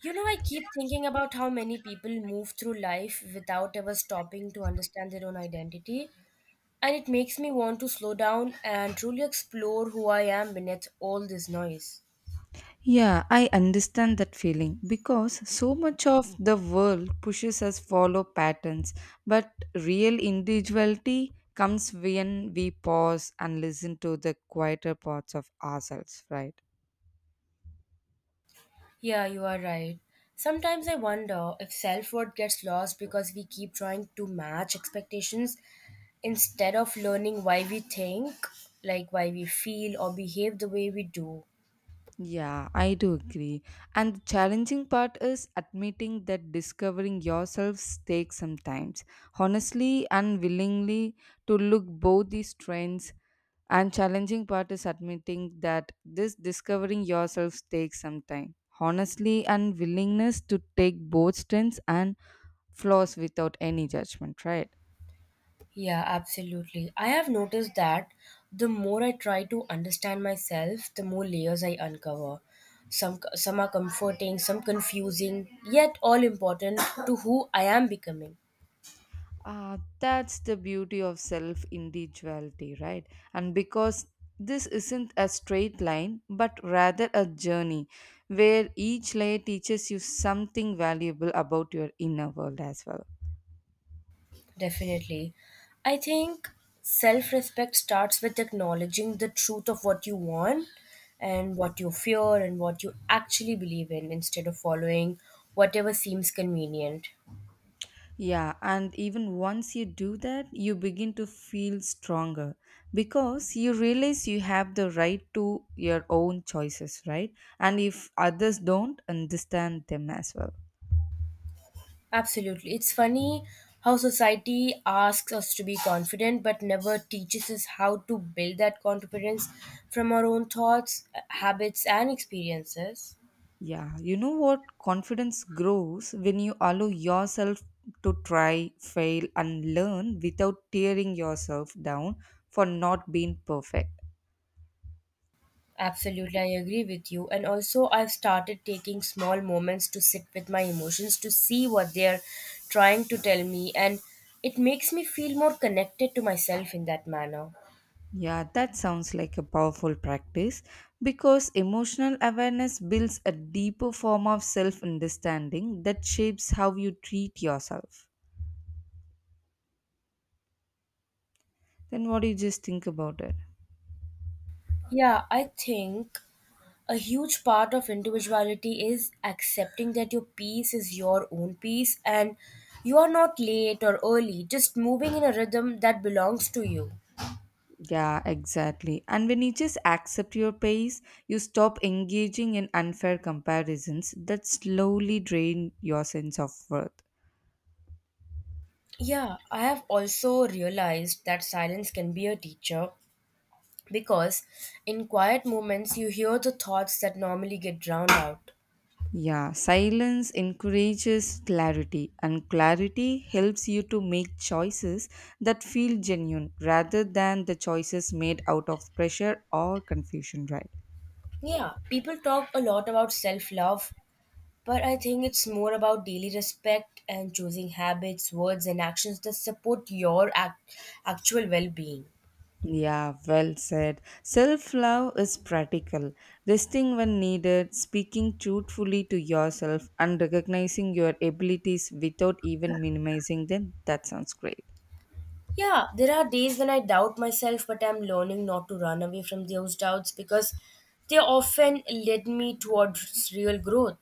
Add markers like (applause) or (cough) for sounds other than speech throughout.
You know, I keep thinking about how many people move through life without ever stopping to understand their own identity, and it makes me want to slow down and truly explore who I am beneath all this noise. Yeah, I understand that feeling because so much of the world pushes us follow patterns, but real individuality comes when we pause and listen to the quieter parts of ourselves, right? Yeah, you are right. Sometimes I wonder if self worth gets lost because we keep trying to match expectations instead of learning why we think, like why we feel, or behave the way we do. Yeah, I do agree. And the challenging part is admitting that discovering yourself takes some time. Honestly and willingly to look both these trends and challenging part is admitting that this discovering yourself takes some time. Honestly and willingness to take both strengths and flaws without any judgment, right? Yeah, absolutely. I have noticed that the more I try to understand myself, the more layers I uncover. Some are comforting, some confusing, yet all important to who I am becoming. Ah, that's the beauty of self individuality, right? And because this isn't a straight line, but rather a journey where each layer teaches you something valuable about your inner world as well. Definitely. I think self-respect starts with acknowledging the truth of what you want and what you fear and what you actually believe in instead of following whatever seems convenient. Yeah, and even once you do that, you begin to feel stronger because you realize you have the right to your own choices, right? And if others don't, understand them as well. Absolutely. It's funny how society asks us to be confident but never teaches us how to build that confidence from our own thoughts, habits, and experiences. Yeah, you know what? Confidence grows when you allow yourself to try, fail, and learn without tearing yourself down for not being perfect. Absolutely, I agree with you. And also, I've started taking small moments to sit with my emotions to see what they're trying to tell me, and it makes me feel more connected to myself in that manner. Yeah, that sounds like a powerful practice because emotional awareness builds a deeper form of self understanding that shapes how you treat yourself. Then, what do you just think about it? Yeah, I think a huge part of individuality is accepting that your peace is your own peace and you are not late or early, just moving in a rhythm that belongs to you. Yeah, exactly. And when you just accept your pace, you stop engaging in unfair comparisons that slowly drain your sense of worth. Yeah, I have also realized that silence can be a teacher because in quiet moments you hear the thoughts that normally get drowned out. Yeah, silence encourages clarity, and clarity helps you to make choices that feel genuine rather than the choices made out of pressure or confusion, right? Yeah, people talk a lot about self love, but I think it's more about daily respect and choosing habits, words, and actions that support your actual well being. Yeah, well said. Self love is practical. Resting when needed, speaking truthfully to yourself, and recognizing your abilities without even minimizing them. That sounds great. Yeah, there are days when I doubt myself, but I'm learning not to run away from those doubts because they often lead me towards real growth.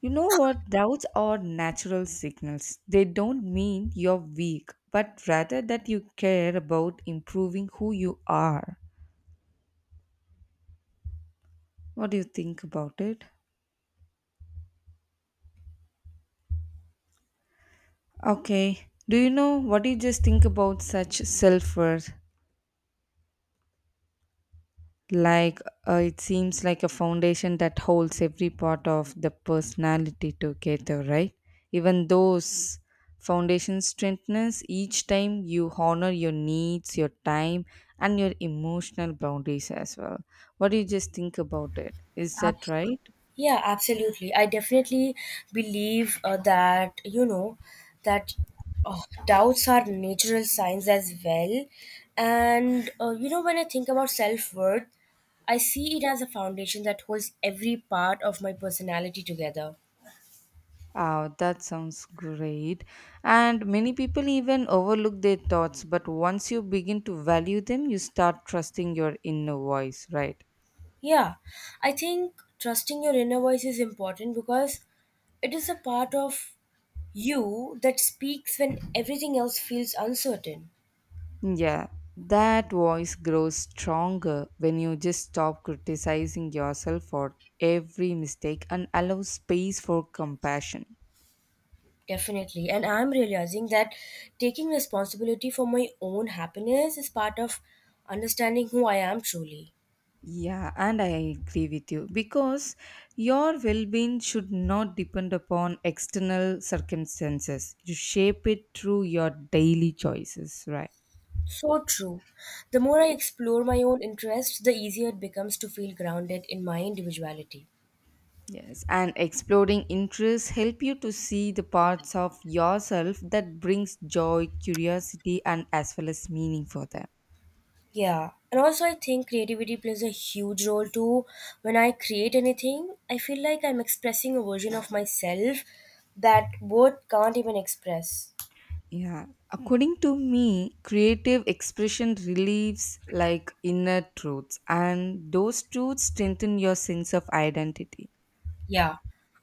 You know what? Doubts are natural signals. They don't mean you're weak, but rather that you care about improving who you are. What do you think about it? Okay. Do you know what do you just think about such self worth? Like it seems like a foundation that holds every part of the personality together, right? Even those foundations strengthens each time you honor your needs, your time, and your emotional boundaries as well. What do you just think about it? Is that Ab- right? yeah, absolutely. I definitely believe that, you know, that uh, doubts are natural signs as well. And, you know, when I think about self worth, I see it as a foundation that holds every part of my personality together. Oh, that sounds great. And many people even overlook their thoughts, but once you begin to value them, you start trusting your inner voice, right? Yeah, I think trusting your inner voice is important because it is a part of you that speaks when everything else feels uncertain. Yeah, that voice grows stronger when you just stop criticizing yourself for every mistake and allow space for compassion. Definitely. And I'm realizing that taking responsibility for my own happiness is part of understanding who I am truly. Yeah, and I agree with you because your well being should not depend upon external circumstances. You shape it through your daily choices, right? So true. The more I explore my own interests, the easier it becomes to feel grounded in my individuality. Yes, and exploring interests help you to see the parts of yourself that brings joy, curiosity and as well as meaning for them. Yeah, and also I think creativity plays a huge role too. When I create anything, I feel like I'm expressing a version of myself that word can't even express. Yeah, according to me, creative expression relieves like inner truths, and those truths strengthen your sense of identity. Yeah,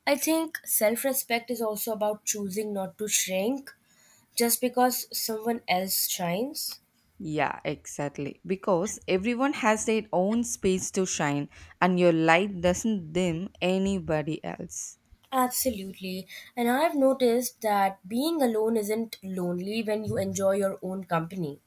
I think self respect is also about choosing not to shrink just because someone else shines. Yeah, exactly. Because everyone has their own space to shine, and your light doesn't dim anybody else. Absolutely. And I've noticed that being alone isn't lonely when you enjoy your own company.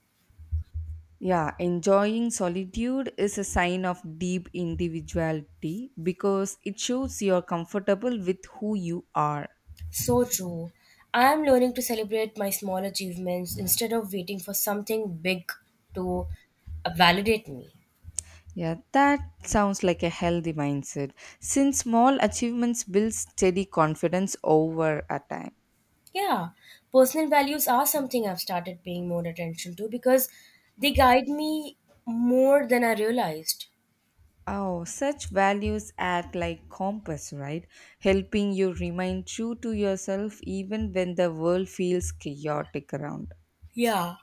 Yeah, enjoying solitude is a sign of deep individuality because it shows you're comfortable with who you are. So true. I am learning to celebrate my small achievements instead of waiting for something big to validate me. Yeah, that sounds like a healthy mindset. Since small achievements build steady confidence over a time. Yeah, personal values are something I've started paying more attention to because they guide me more than I realized. Oh, such values act like compass, right? Helping you remain true to yourself even when the world feels chaotic around. Yeah.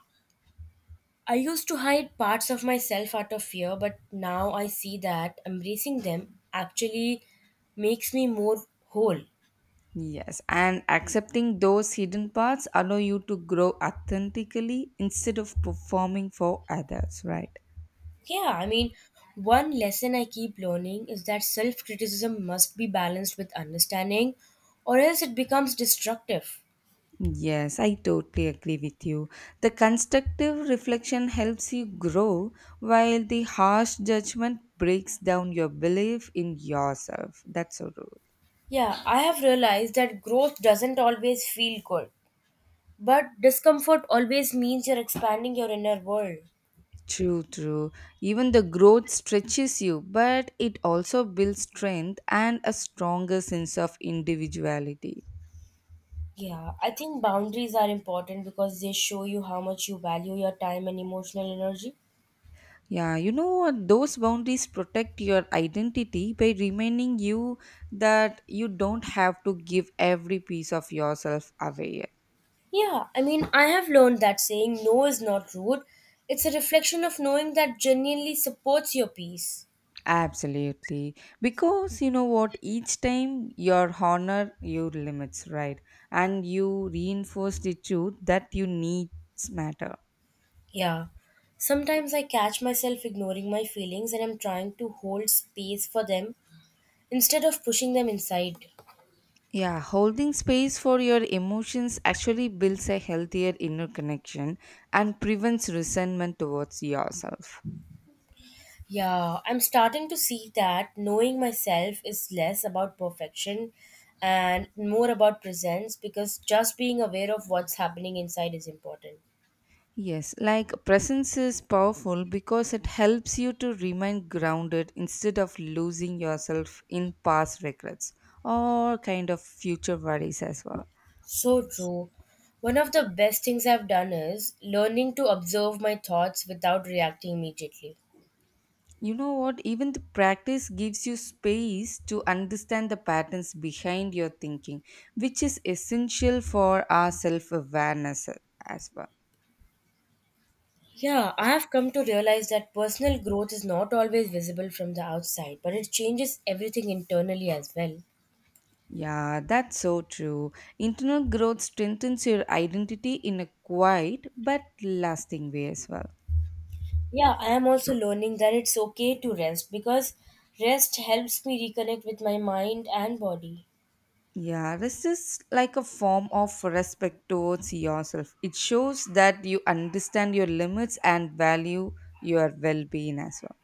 I used to hide parts of myself out of fear, but now I see that embracing them actually makes me more whole. Yes, and accepting those hidden parts allow you to grow authentically instead of performing for others, right? Yeah, I mean, one lesson I keep learning is that self criticism must be balanced with understanding, or else it becomes destructive. Yes, I totally agree with you. The constructive reflection helps you grow, while the harsh judgment breaks down your belief in yourself. That's so true. Yeah, I have realized that growth doesn't always feel good, but discomfort always means you're expanding your inner world. True, true. Even the growth stretches you, but it also builds strength and a stronger sense of individuality. Yeah, I think boundaries are important because they show you how much you value your time and emotional energy. Yeah, you know what? Those boundaries protect your identity by reminding you that you don't have to give every piece of yourself away. Yeah, I mean, I have learned that saying no is not rude, it's a reflection of knowing that genuinely supports your peace. Absolutely. Because you know what, each time your honor your limits, right? And you reinforce the truth that you needs matter. Yeah. Sometimes I catch myself ignoring my feelings and I'm trying to hold space for them instead of pushing them inside. Yeah, holding space for your emotions actually builds a healthier inner connection and prevents resentment towards yourself. Yeah, I'm starting to see that knowing myself is less about perfection and more about presence because just being aware of what's happening inside is important. Yes, like presence is powerful because it helps you to remain grounded instead of losing yourself in past regrets or kind of future worries as well. So true. One of the best things I've done is learning to observe my thoughts without reacting immediately. You know what? Even the practice gives you space to understand the patterns behind your thinking, which is essential for our self awareness as well. Yeah, I have come to realize that personal growth is not always visible from the outside, but it changes everything internally as well. Yeah, that's so true. Internal growth strengthens your identity in a quiet but lasting way as well. Yeah, I am also learning that it's okay to rest because rest helps me reconnect with my mind and body. Yeah, this is like a form of respect towards yourself. It shows that you understand your limits and value your well being as well.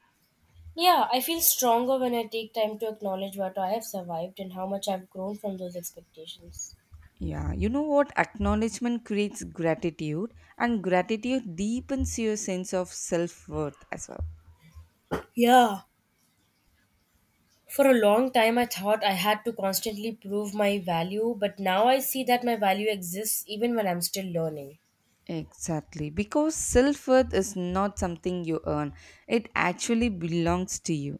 Yeah, I feel stronger when I take time to acknowledge what I have survived and how much I've grown from those expectations. Yeah, you know what? Acknowledgement creates gratitude, and gratitude deepens your sense of self worth as well. Yeah. For a long time, I thought I had to constantly prove my value, but now I see that my value exists even when I'm still learning. Exactly, because self worth is not something you earn, it actually belongs to you.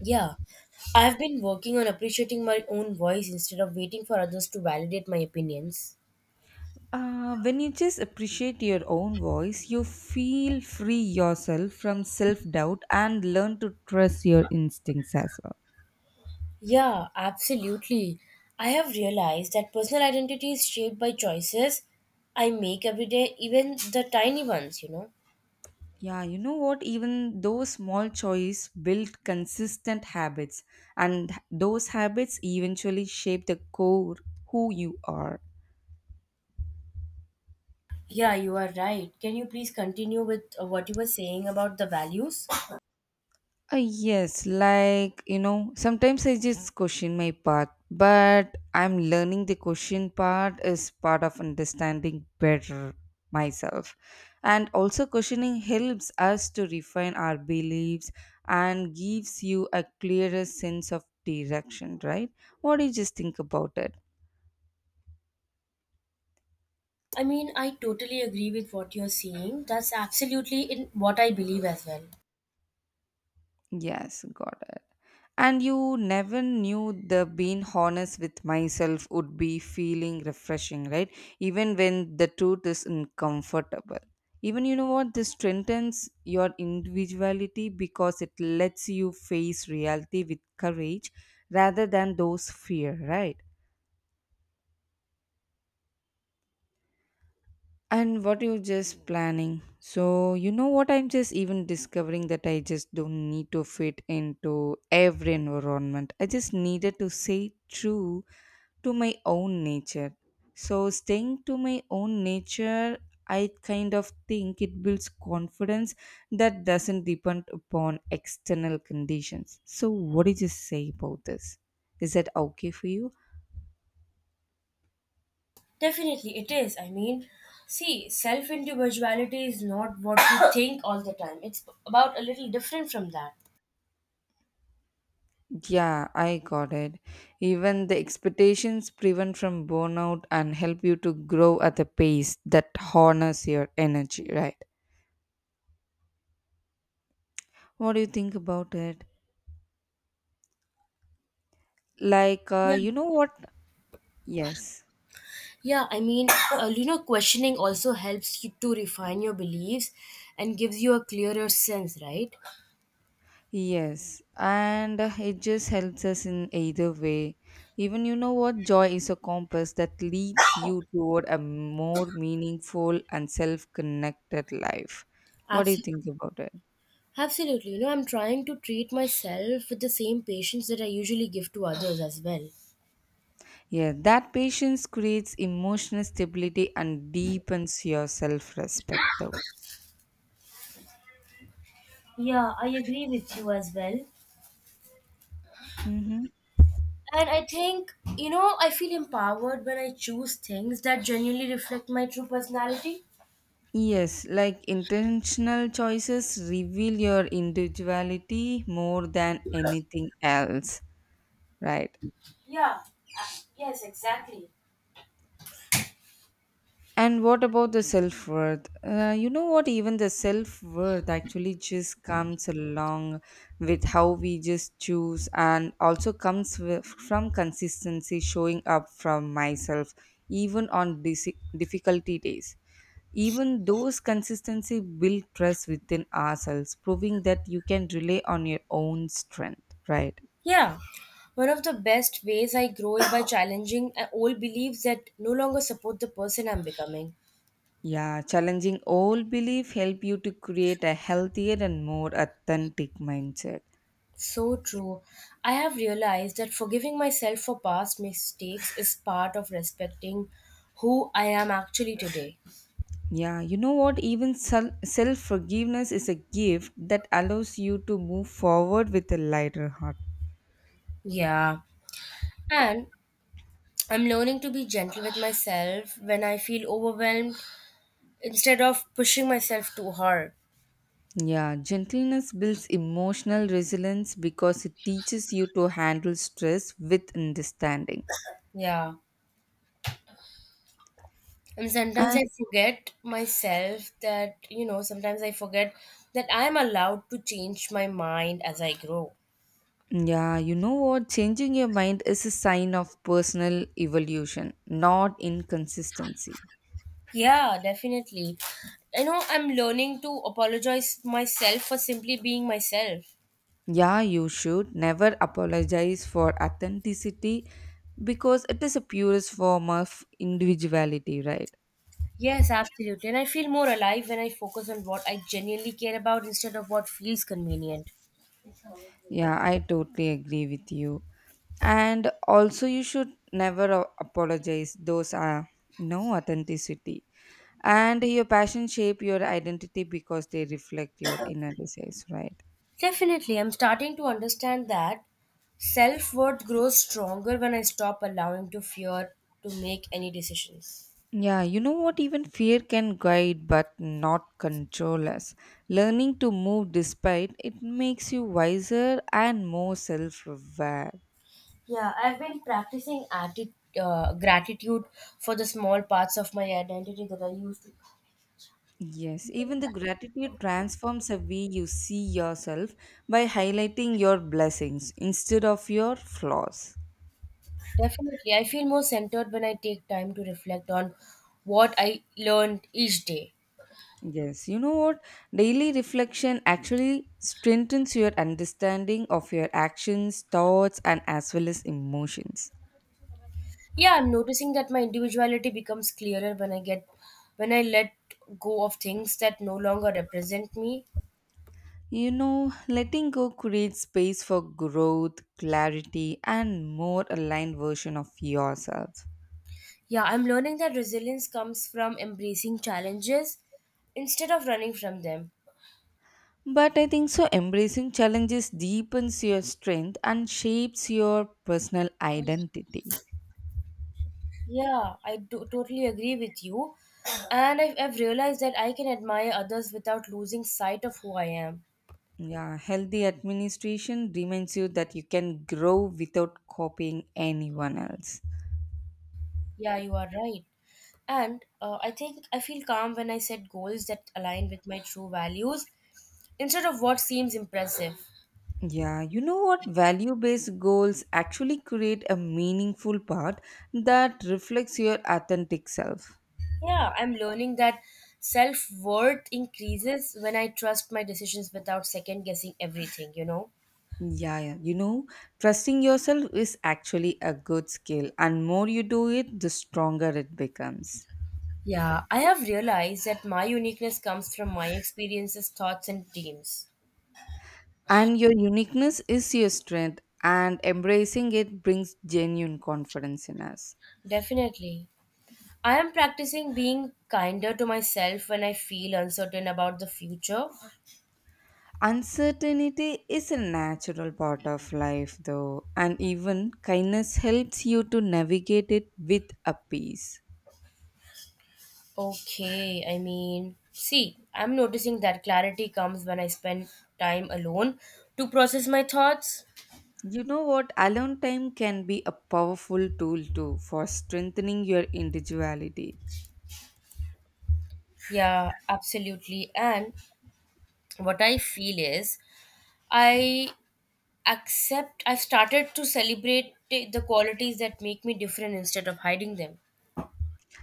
Yeah, I've been working on appreciating my own voice instead of waiting for others to validate my opinions. When you just appreciate your own voice, you feel free yourself from self doubt and learn to trust your instincts as well. Yeah, absolutely. I have realized that personal identity is shaped by choices I make every day, even the tiny ones, you know. Yeah, you know what? Even those small choices build consistent habits, and those habits eventually shape the core who you are. Yeah, you are right. Can you please continue with what you were saying about the values? Yes, like you know, sometimes I just question my path, but I'm learning the question part is part of understanding better myself. And also, questioning helps us to refine our beliefs and gives you a clearer sense of direction, right? What do you just think about it? I mean, I totally agree with what you're saying. That's absolutely in what I believe as well. Yes, got it. And you never knew the being honest with myself would be feeling refreshing, right? Even when the truth is uncomfortable. Even you know what? This strengthens your individuality because it lets you face reality with courage rather than those fear, right? And what you just planning? So you know what I'm just even discovering that I just don't need to fit into every environment. I just needed to stay true to my own nature. So staying to my own nature, I kind of think it builds confidence that doesn't depend upon external conditions. So what did you just say about this? Is that okay for you? Definitely, it is. I mean, see, self individuality is not what we (coughs) think all the time. It's about a little different from that. Yeah, I got it. Even the expectations prevent from burnout and help you to grow at a pace that honors your energy, right? What do you think about it? Like, Yeah, you know what? Yes, yeah. I mean, (coughs) you know, questioning also helps you to refine your beliefs and gives you a clearer sense, right? yes. And it just helps us in either way. Even you know what? Joy is a compass that leads you toward a more meaningful and self connected life. What do you Absolutely. think about it? Absolutely. You know, I'm trying to treat myself with the same patience that I usually give to others as well. Yeah, that patience creates emotional stability and deepens your self respect, though. Yeah, I agree with you as well. Mm-hmm. And I think, you know, I feel empowered when I choose things that genuinely reflect my true personality. Yes, like intentional choices reveal your individuality more than anything else, right? Yeah, uh, yes, exactly. And what about the self worth? You know what? Even the self worth actually just comes along with how we just choose, and also comes with, from consistency showing up from myself, even on difficulty days. Even those consistency build trust within ourselves, proving that you can rely on your own strength, right? Yeah. One of the best ways I grow is by challenging old beliefs that no longer support the person I'm becoming. Yeah, challenging old belief help you to create a healthier and more authentic mindset. So true. I have realized that forgiving myself for past mistakes is part of respecting who I am actually today. Yeah, you know what? Even self forgiveness is a gift that allows you to move forward with a lighter heart. Yeah. And I'm learning to be gentle with myself when I feel overwhelmed instead of pushing myself too hard. Yeah, gentleness builds emotional resilience because it teaches you to handle stress with understanding. Yeah. And sometimes And I forget myself that, you know, sometimes I forget that I'm allowed to change my mind as I grow. yeah, you know what? Changing your mind is a sign of personal evolution, not inconsistency. Yeah, definitely. You know, I'm learning to apologize myself for simply being myself. Yeah, you should never apologize for authenticity because it is a purest form of individuality, right? Yes, absolutely. And I feel more alive when I focus on what I genuinely care about instead of what feels convenient. Yeah, I totally agree with you. And also, you should never apologize. Those are no authenticity. And your passion shape your identity because they reflect your inner desires, right? Definitely, I'm starting to understand that self worth grows stronger when I stop allowing to fear to make any decisions. Yeah, you know what? Even fear can guide but not control us. Learning to move despite it makes you wiser and more self aware. Yeah, I've been practicing gratitude for the small parts of my identity that I used to. Yes, even the gratitude transforms the way you see yourself by highlighting your blessings instead of your flaws. Definitely, I feel more centered when I take time to reflect on what I learned each day. Yes, you know what? Daily reflection actually strengthens your understanding of your actions, thoughts, and as well as emotions. Yeah, I'm noticing that my individuality becomes clearer when I get when I let go of things that no longer represent me. You know, letting go creates space for growth, clarity, and more aligned version of yourself. Yeah, I'm learning that resilience comes from embracing challenges instead of running from them. But I think so embracing challenges deepens your strength and shapes your personal identity. Yeah, totally agree with you. And I've realized that I can admire others without losing sight of who I am. Yeah, healthy administration reminds you that you can grow without copying anyone else. Yeah, you are right. And I think I feel calm when I set goals that align with my true values instead of what seems impressive. Yeah, you know what? Value based goals actually create a meaningful path that reflects your authentic self. Yeah, I'm learning that self worth increases when I trust my decisions without second guessing everything, you know? Yeah, yeah, you know, trusting yourself is actually a good skill, and more you do it, the stronger it becomes. Yeah, I have realized that my uniqueness comes from my experiences, thoughts, and dreams. And your uniqueness is your strength, and embracing it brings genuine confidence in us. Definitely. I am practicing being kinder to myself when I feel uncertain about the future. Uncertainty is a natural part of life, though, and even kindness helps you to navigate it with a peace. Okay, I mean, see, I'm noticing that clarity comes when I spend time alone to process my thoughts. You know what? Alone time can be a powerful tool too for strengthening your individuality. Yeah, absolutely. And what I feel is I I've started to celebrate the qualities that make me different instead of hiding them.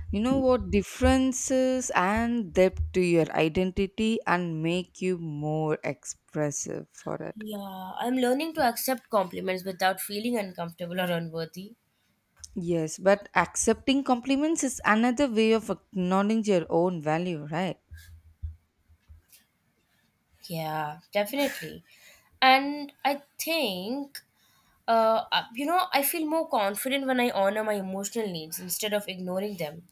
You know what? Differences and depth to your identity and make you more expressive for it. Yeah, I'm learning to accept compliments without feeling uncomfortable or unworthy. Yes, but accepting compliments is another way of acknowledging your own value, right? Yeah, definitely. And I think, you know, I feel more confident when I honor my emotional needs instead of ignoring them.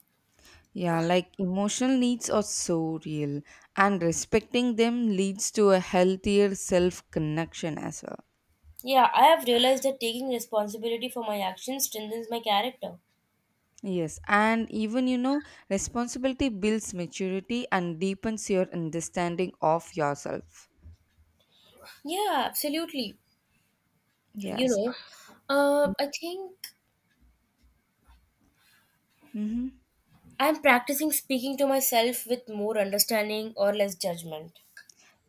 Yeah, like emotional needs are so real, and respecting them leads to a healthier self connection as well. Yeah, I have realized that taking responsibility for my actions strengthens my character. Yes, and even you know, responsibility builds maturity and deepens your understanding of yourself. Yeah, absolutely. You Yes. know, I think Mm-hmm. I'm practicing speaking to myself with more understanding or less judgment.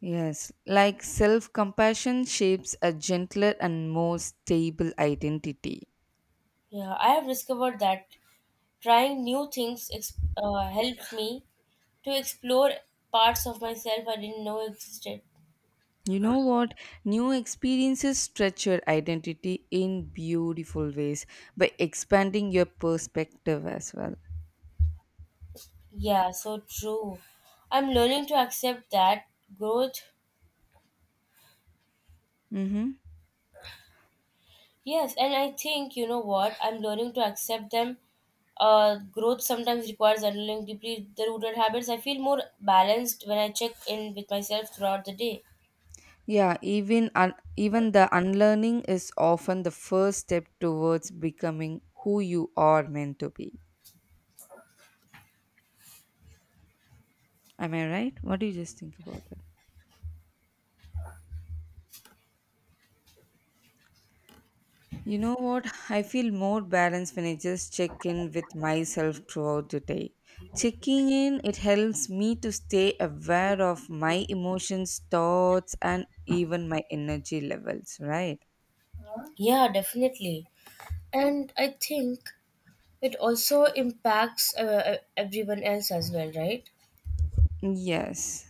Yes, like self compassion shapes a gentler and more stable identity. Yeah, I have discovered that trying new things helped me to explore parts of myself I didn't know existed. You know what? New experiences stretch your identity in beautiful ways by expanding your perspective as well. Yeah, so true. I'm learning to accept that growth. Mm-hmm. Yes, and I think you know what? I'm learning to accept them. Growth sometimes requires unlearning deeply the rooted habits. I feel more balanced when I check in with myself throughout the day. Yeah, even the unlearning is often the first step towards becoming who you are meant to be. Am I right? What do you just think about that? You know what? I feel more balanced when I just check in with myself throughout the day. Checking in, it helps me to stay aware of my emotions, thoughts, and even my energy levels, right? Yeah, definitely. And I think it also impacts everyone else as well, right? Yes.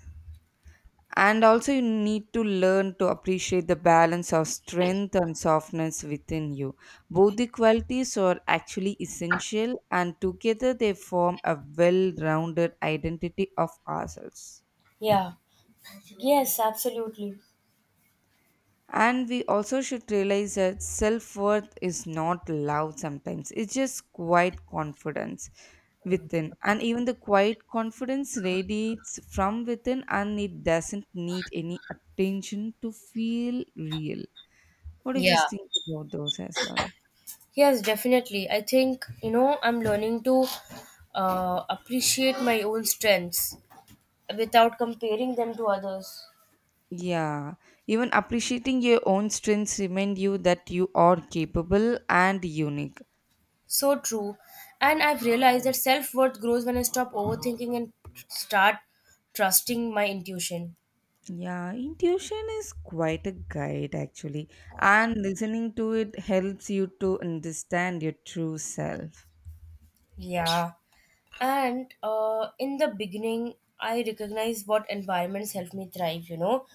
And also, you need to learn to appreciate the balance of strength and softness within you. Both the qualities are actually essential, and together they form a well rounded identity of ourselves. Yeah. Yes, absolutely. And we also should realize that self worth is not loud sometimes, it's just quiet confidence within. And even the quiet confidence radiates from within and it doesn't need any attention to feel real. What do you just Yeah. think about those as well? Yes, definitely. I think, you know, I'm learning to appreciate my own strengths without comparing them to others. Yeah, even appreciating your own strengths remind you that you are capable and unique. So true. And I've realized that self worth grows when I stop overthinking and start trusting my intuition. Yeah, intuition is quite a guide actually, and listening to it helps you to understand your true self. Yeah. And in the beginning, I recognize what environments help me thrive, you know.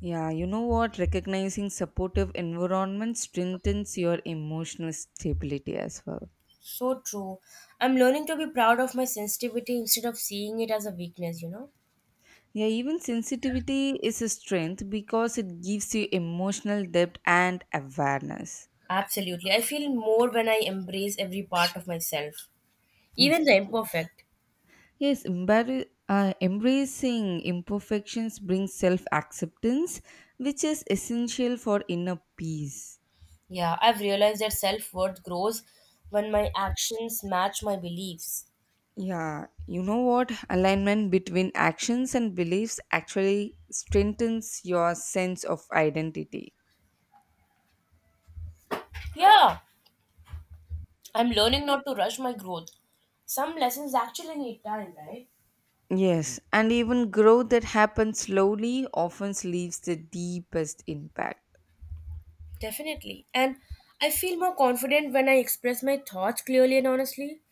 Yeah, you know what? Recognizing supportive environment strengthens your emotional stability as well. So true. I'm learning to be proud of my sensitivity instead of seeing it as a weakness, you know? Yeah, even sensitivity is a strength because it gives you emotional depth and awareness. (laughs) Absolutely. I feel more when I embrace every part of myself, even the Mhm. imperfect. Yes, embracing imperfections brings self acceptance, which is essential for inner peace. Yeah, I've realized that self worth grows when my actions match my beliefs. Yeah, you know what? Alignment between actions and beliefs actually strengthens your sense of identity. Yeah, I'm learning not to rush my growth. Some lessons actually need time, right? Yes, and even growth that happens slowly often leaves the deepest impact. Definitely. And I feel more confident when I express my thoughts clearly and honestly.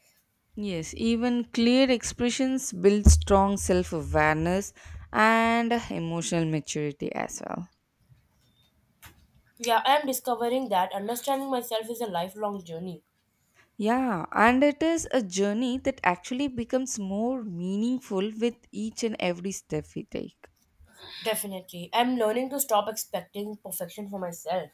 Yes, even clear expressions build strong self awareness and emotional maturity as well. Yeah, I am discovering that understanding myself is a lifelong journey. Yeah, and it is a journey that actually becomes more meaningful with each and every step we take. Definitely. I'm learning to stop expecting perfection for myself.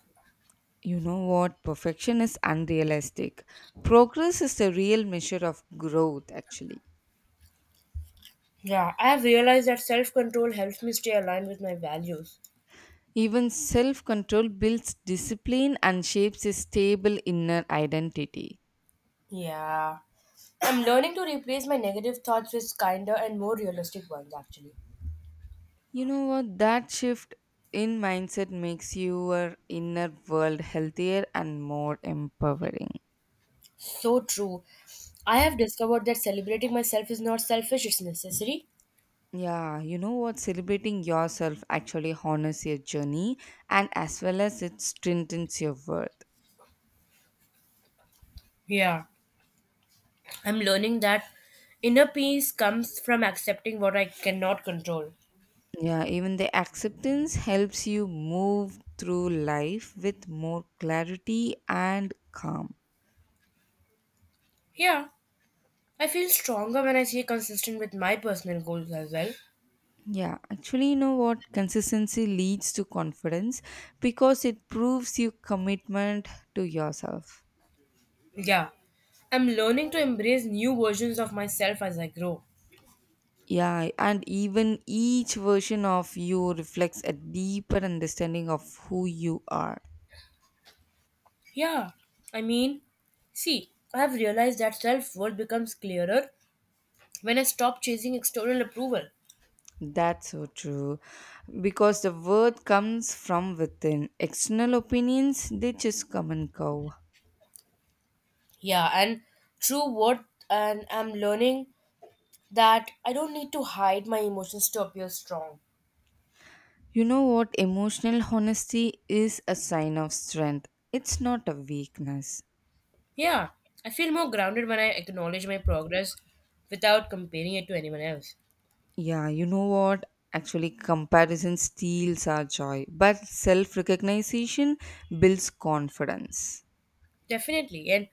You know what? Perfection is unrealistic. Progress is the real measure of growth, actually. Yeah, I have realized that self control helps me stay aligned with my values. Even self control builds discipline and shapes a stable inner identity. Yeah. I'm learning to replace my negative thoughts with kinder and more realistic ones, actually. You know what? That shift in mindset makes your inner world healthier and more empowering. So true. I have discovered that celebrating myself is not selfish, it's necessary. Yeah, you know what? Celebrating yourself actually honors your journey and as well as it strengthens your worth. Yeah. I'm learning that inner peace comes from accepting what I cannot control. Yeah, even the acceptance helps you move through life with more clarity and calm. Yeah, I feel stronger when I stay consistent with my personal goals as well. Yeah, actually, you know what? Consistency leads to confidence because it proves your commitment to yourself. Yeah, I'm learning to embrace new versions of myself as I grow. Yeah, and even each version of you reflects a deeper understanding of who you are. Yeah, I mean, see, I have realized that self worth becomes clearer when I stop chasing external approval. That's so true. Because the worth comes from within. External opinions, they just come and go. Yeah, true worth, and I'm learning that I don't need to hide my emotions to appear strong. You know what? Emotional honesty is a sign of strength. It's not a weakness. Yeah, I feel more grounded when I acknowledge my progress without comparing it to anyone else. Yeah, you know what? Actually, comparison steals our joy, but self recognition builds confidence. Definitely, and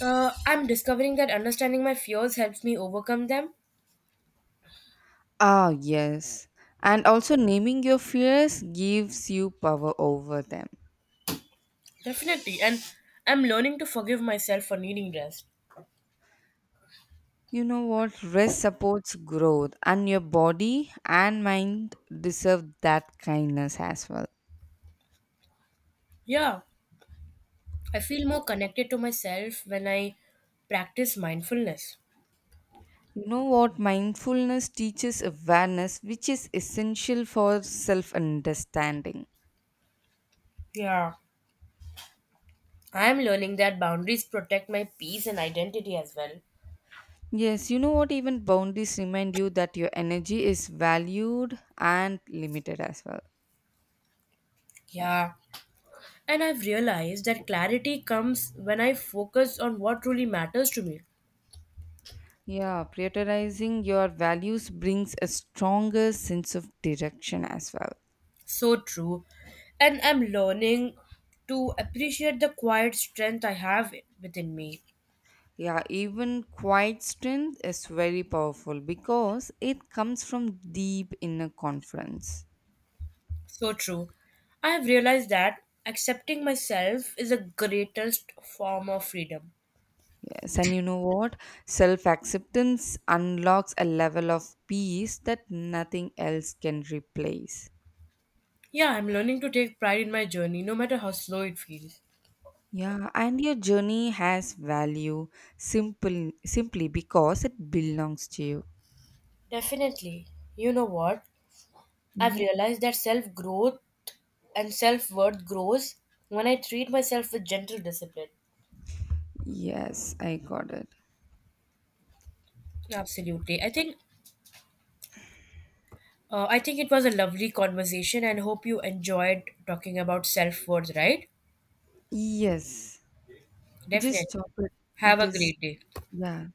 I'm discovering that understanding my fears helps me overcome them. Ah, yes. And also, naming your fears gives you power over them. Definitely, and I'm learning to forgive myself for needing rest. You know what? Rest supports growth, and your body and mind deserve that kindness as well. Yeah, I feel more connected to myself when I practice mindfulness. You know what? Mindfulness teaches awareness, which is essential for self understanding. Yeah, I'm learning that boundaries protect my peace and identity as well. Yes, you know what? Even boundaries remind you that your energy is valued and limited as well. Yeah, and I've realized that clarity comes when I focus on what truly matters to me. Yeah, prioritizing your values brings a stronger sense of direction as well. So true. And I'm learning to appreciate the quiet strength I have within me. Yeah, even quiet strength is very powerful because it comes from deep inner confidence. So true. I have realized that accepting myself is the greatest form of freedom. Yes, and you know what? Self acceptance unlocks a level of peace that nothing else can replace. Yeah, I'm learning to take pride in my journey, no matter how slow it feels. Yeah, and your journey has value simple simply because it belongs to you. Definitely. You know what? I've Mhm. realized that self growth and self worth grows when I treat myself with gentle discipline. Yes, I got it. Absolutely. I think it was a lovely conversation and hope you enjoyed talking about self worth, right? Yes. Just Definitely. stop it. Have It a is great day. yeah.